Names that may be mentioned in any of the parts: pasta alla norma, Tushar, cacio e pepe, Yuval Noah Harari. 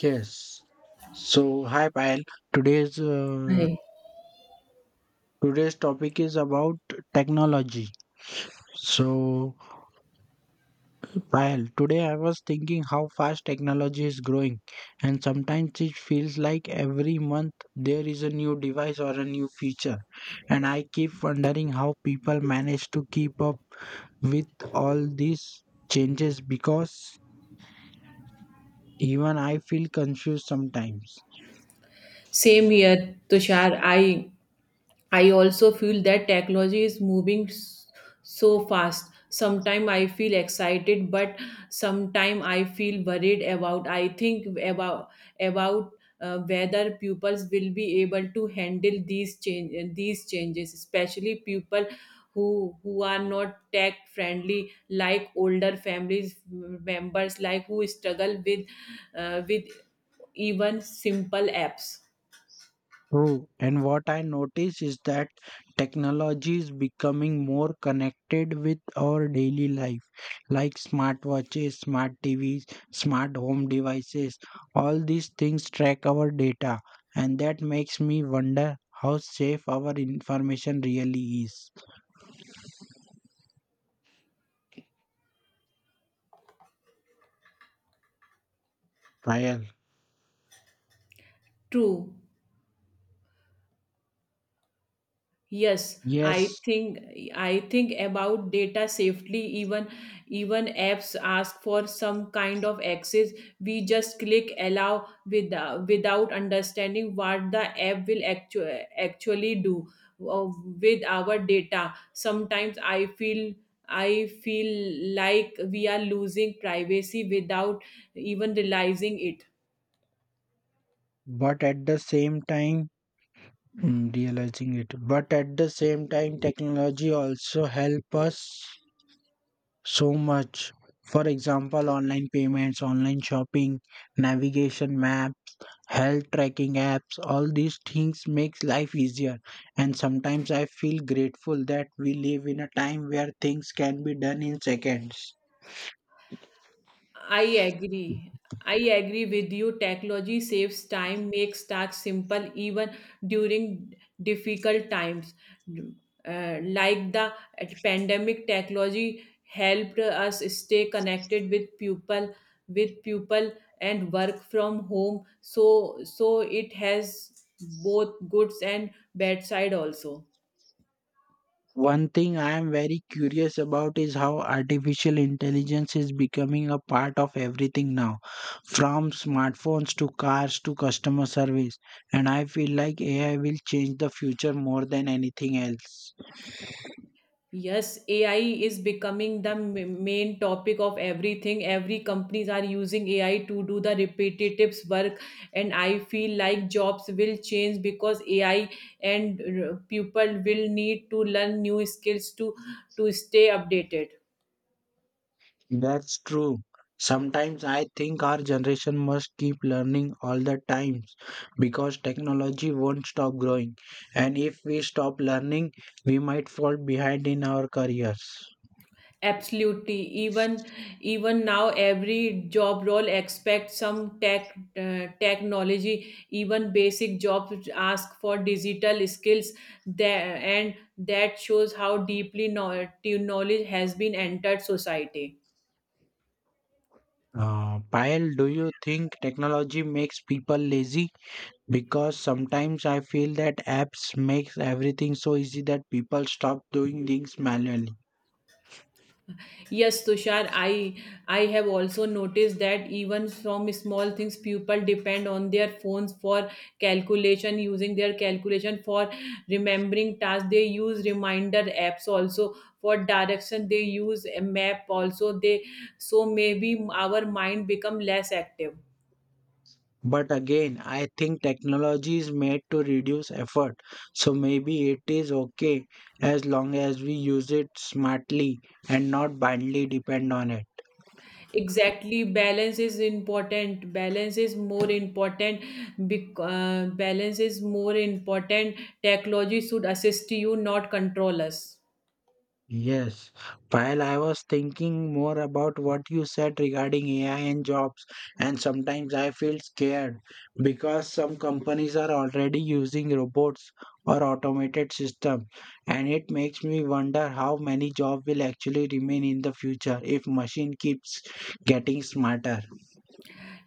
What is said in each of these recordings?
Yes. So, hi Payal. Today's uh, Hi. today's topic is about technology. So, Payal, today I was thinking how fast technology is growing, and sometimes it feels like every month there is a new device or a new feature, and I keep wondering how people manage to keep up with all these changes because even I feel confused sometimes. Same here, Tushar. I also feel that technology is moving so fast. Sometimes I feel excited, but sometimes I feel worried about. I think about whether pupils will be able to handle these changes, especially people who who are not tech friendly, like older families members, like who struggle with even simple apps. True. And what I notice is that technology is becoming more connected with our daily life, like smartwatches, smart TVs, smart home devices. All these things track our data, and that makes me wonder how safe our information really is. Payal, True. Yes, yes, I think about data safely. Even apps ask for some kind of access. We just click allow without understanding what the app actually do uh, with our data. Sometimes I feel like we are losing privacy without even realizing it. but at the same time, realizing it, but at the same time, technology also help us so much. For example, online payments, online shopping, navigation map, health tracking apps, all these things makes life easier. And sometimes I feel grateful that we live in a time where things can be done in seconds. I agree. I agree with you. Technology saves time, makes tasks simple even during difficult times. Like the pandemic, technology helped us stay connected with people and work from home. So it has both goods and bad side also. One thing I am very curious about is how artificial intelligence is becoming a part of everything now, from smartphones to cars to customer service. And I feel like AI will change the future more than anything else. Yes, AI is becoming the main topic of everything. Every companies are using AI to do the repetitive work, and I feel like jobs will change because AI and people will need to learn new skills to stay updated. That's true. Sometimes I think our generation must keep learning all the time because technology won't stop growing. And if we stop learning, we might fall behind in our careers. Absolutely. Even now, every job role expects some technology. Even basic jobs ask for digital skills. There, and that shows how deeply knowledge has been entered society. Payal, do you think technology makes people lazy? Because sometimes I feel that apps makes everything so easy that people stop doing things manually. Yes, Tushar, I have also noticed that even from small things, people depend on their phones for calculation, using their calculation for remembering tasks. They use reminder apps also for direction. They use a map also. They so maybe our mind become less active. But again, I think technology is made to reduce effort, so maybe it is okay as long as we use it smartly and not blindly depend on it. Exactly, balance is important. Balance is more important. Balance is more important. Technology should assist you, not control us. Yes, while I was thinking more about what you said regarding AI and jobs, and sometimes I feel scared because some companies are already using robots or automated system, and it makes me wonder how many jobs will actually remain in the future if machine keeps getting smarter.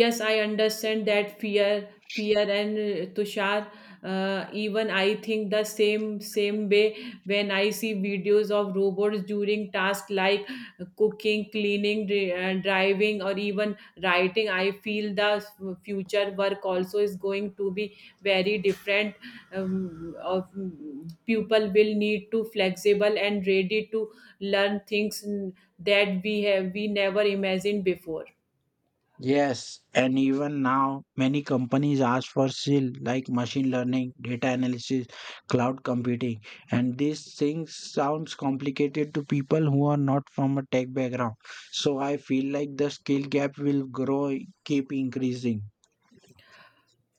Yes, I understand that fear fear and Tushar, even I think the same way when I see videos of robots during tasks like cooking, cleaning, driving, or even writing. I feel the future work also is going to be very different. Of People will need to flexible and ready to learn things that we never imagined before. Yes, and even now, many companies ask for skill like machine learning, data analysis, cloud computing, and these things sounds complicated to people who are not from a tech background. So I feel like the skill gap will grow, keep increasing.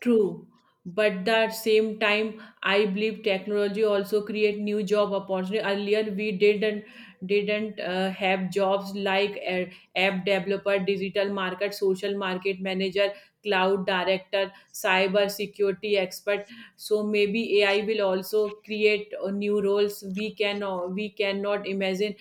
True, but that same time, I believe technology also create new job opportunity. Earlier, we didn't have jobs like app developer, digital market, social market manager, cloud director, cyber security expert. So maybe AI will also create new roles we cannot imagine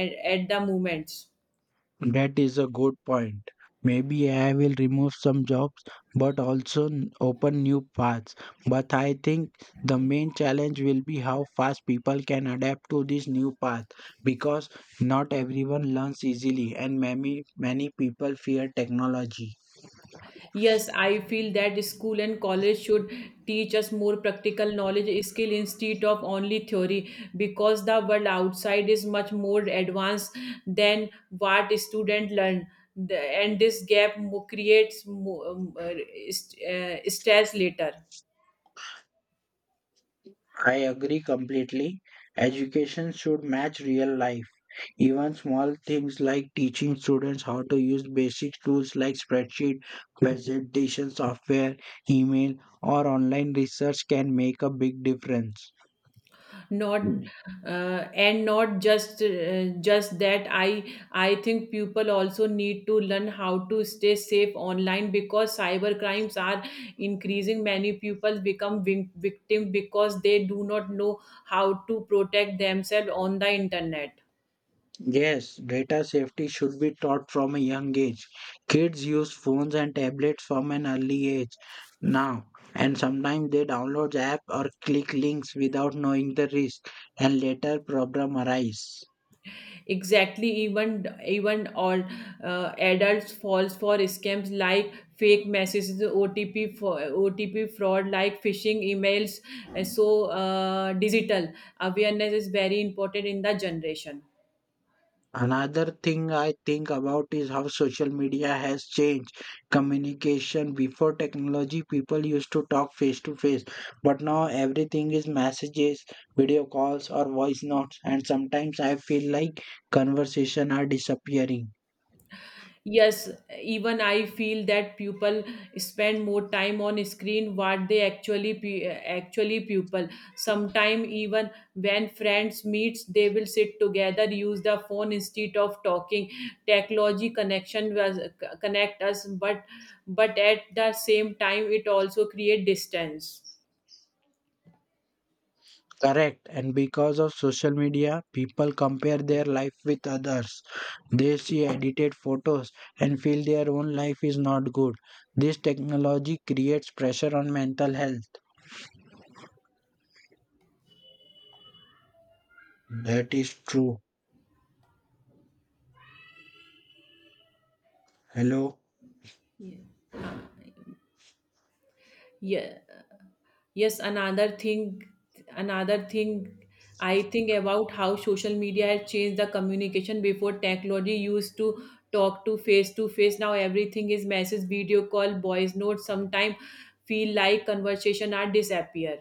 at the moment. That is a good point. Maybe I will remove some jobs but also open new paths. But I think the main challenge will be how fast people can adapt to this new path because not everyone learns easily and many people fear technology. Yes, I feel that school and college should teach us more practical knowledge skill instead of only theory because the world outside is much more advanced than what students learn. The- and this gap creates stress later. I agree completely. Education should match real life. Even small things like teaching students how to use basic tools like spreadsheet, presentation software, email, or online research can make a big difference. Not and not just that, I think people also need to learn how to stay safe online because cyber crimes are increasing. Many people become victim because they do not know how to protect themselves on the internet. Yes, data safety should be taught from a young age. Kids use phones and tablets from an early age now, and sometimes they download apps or click links without knowing the risk, and later problem arise. Exactly. Even all adults falls for scams like fake messages, OTP fraud, like phishing emails. And so digital awareness is very important in the generation. Another thing I think about is how social media has changed communication. Before technology, people used to talk face to face, but now everything is messages, video calls, or voice notes. And sometimes I feel like conversation are disappearing. Yes, even I feel that people spend more time on screen what they actually pu- actually pupil. Sometime even when friends meets, they will sit together, use the phone instead of talking. Technology connect us, but at the same time, it also create distance. Correct. And because of social media, people compare their life with others. They see edited photos and feel their own life is not good. This technology creates pressure on mental health. That is true. Hello. Yeah. Yeah. Yes, another thing I think about how social media has changed the communication. Before technology, used to talk to face to face. Now everything is message, video call, voice notes. Sometimes feel like conversation are disappear.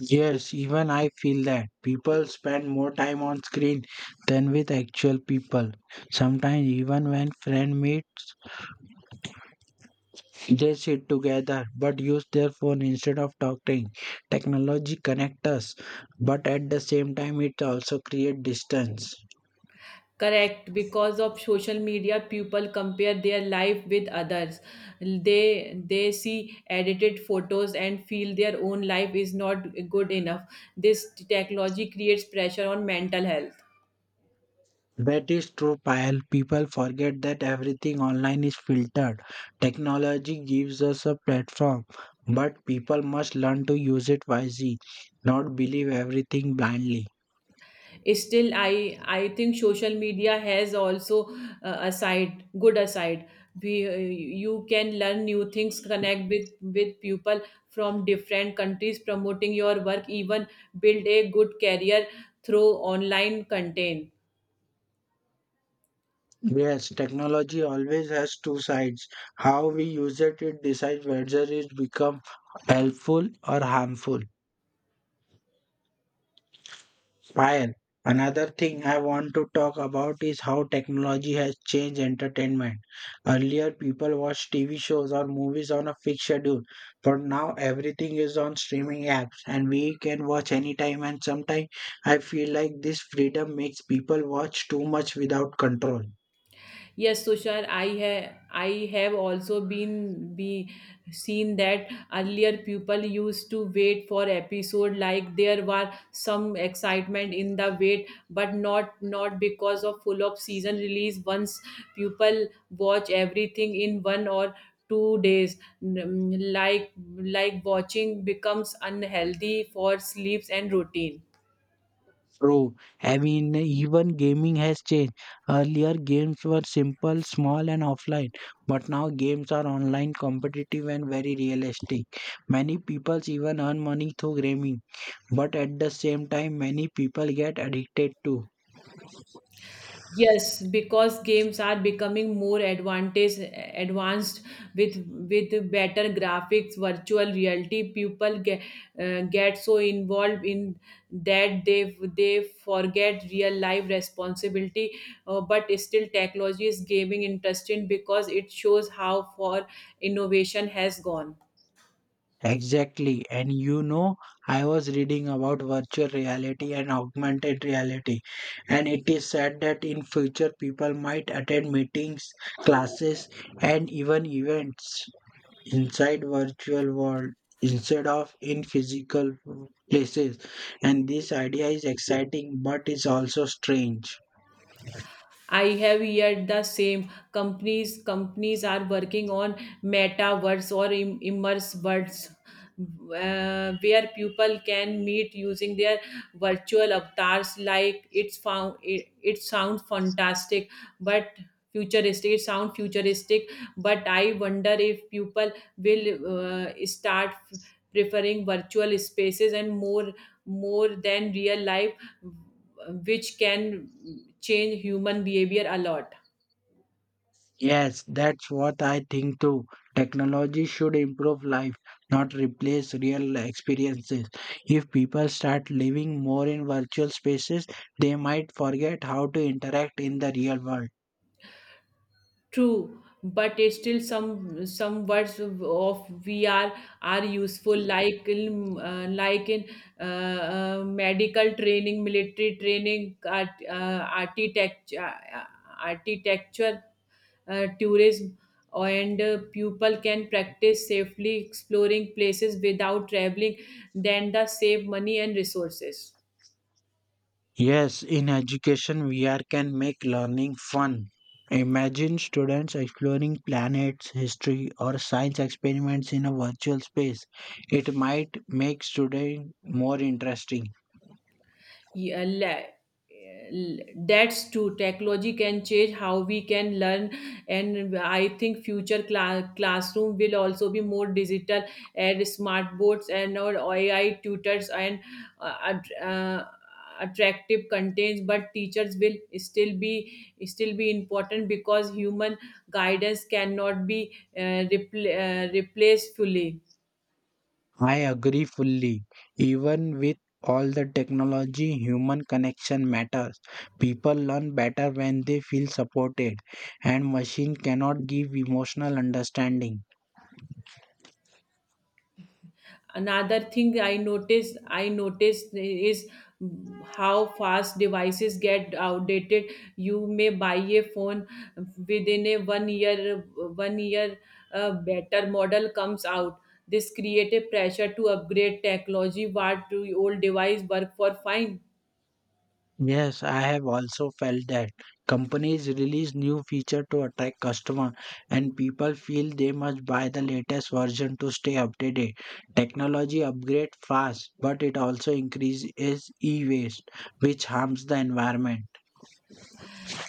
Yes, even I feel that people spend more time on screen than with actual people. Sometimes even when friend meets, they sit together but use their phone instead of talking. Technology connects us, but at the same time it also creates distance. Correct, because of social media people compare their life with others. They see edited photos and feel their own life is not good enough. This technology creates pressure on mental health. That is true, Payal. People forget that everything online is filtered. Technology gives us a platform, but people must learn to use it wisely, not believe everything blindly. Still, I think social media has also a side good aside. We You can learn new things, connect with people from different countries, promoting your work, even build a good career through online content. Yes, technology always has two sides. How we use it, it decides whether it becomes helpful or harmful. Fire. Another thing I want to talk about is how technology has changed entertainment. Earlier, people watched TV shows or movies on a fixed schedule, but now everything is on streaming apps and we can watch anytime. And sometimes I feel like this freedom makes people watch too much without control. Yes, Tushar, I have also been be seen that earlier people used to wait for episode, like there were some excitement in the wait, but not because of full of season release. Once people watch everything in one or two days, like watching becomes unhealthy for sleeps and routine. True. I mean, even gaming has changed. Earlier, games were simple, small, and offline, but now games are online, competitive, and very realistic. Many people even earn money through gaming, but at the same time, many people get addicted too. Yes, because games are becoming more advantage advanced with better graphics, virtual reality. People get so involved in that they forget real life responsibility. But still, technology is gaming interesting because it shows how far innovation has gone. Exactly. And you know, I was reading about virtual reality and augmented reality, and it is said that in future people might attend meetings, classes, and even events inside virtual world instead of in physical places, and this idea is exciting but is also strange. I have heard the same. Companies are working on metaverse or immerse worlds where people can meet using their virtual avatars. It sounds fantastic, but futuristic. It sounds futuristic, but I wonder if people will start preferring virtual spaces and more than real life, which can change human behavior a lot. Yes, that's what I think too. Technology should improve life, not replace real experiences. If people start living more in virtual spaces, they might forget how to interact in the real world. True, but it's still, some words of VR are useful, like in uh, like in medical training, military training, art, architecture uh, architecture, tourism. And people can practice safely, exploring places without traveling, then the save money and resources. Yes, in education, VR can make learning fun. Imagine students exploring planets, history, or science experiments in a virtual space. It might make studying more interesting. Yeah, that's true. Technology can change how we can learn, and I think future classroom will also be more digital, and smart boards and or AI tutors and uh, att- uh, attractive contents. But teachers will still be important because human guidance cannot be replaced fully. I agree fully. Even with all the technology, human connection matters. People learn better when they feel supported, and machine cannot give emotional understanding. Another thing I noticed is how fast devices get outdated. You may buy a phone within a one year. One year a better model comes out. This create a pressure to upgrade technology what do old device work for fine. Yes, I have also felt that companies release new feature to attract customer and people feel they must buy the latest version to stay updated. Technology upgrade fast, but it also increases e-waste, which harms the environment.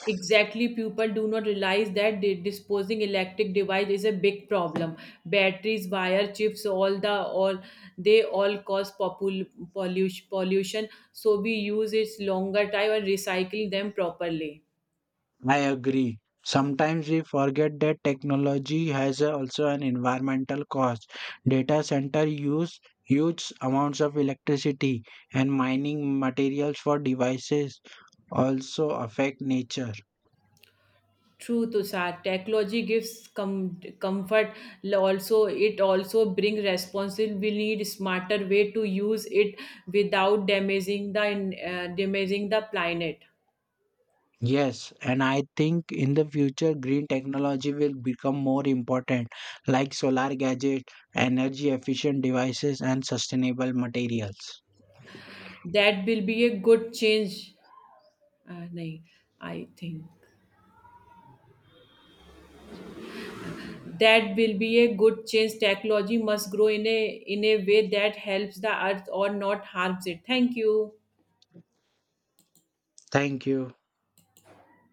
Exactly, people do not realize that disposing electric device is a big problem. Batteries, wire, chips, all the all they all cause pollution. Pollution, so we use its longer time and recycle them properly. I agree. Sometimes we forget that technology has also an environmental cost. Data center use huge amounts of electricity and mining materials for devices also affect nature. True, Tushar. Technology gives comfort. Also, it also brings responsibility. We need smarter way to use it without damaging damaging the planet. Yes, and I think in the future, green technology will become more important, like solar gadgets, energy efficient devices, and sustainable materials. That will be a good change. Nahin, I think That will be a good change. Technology must grow in a way that helps the earth or not harms it. Thank you. Thank you.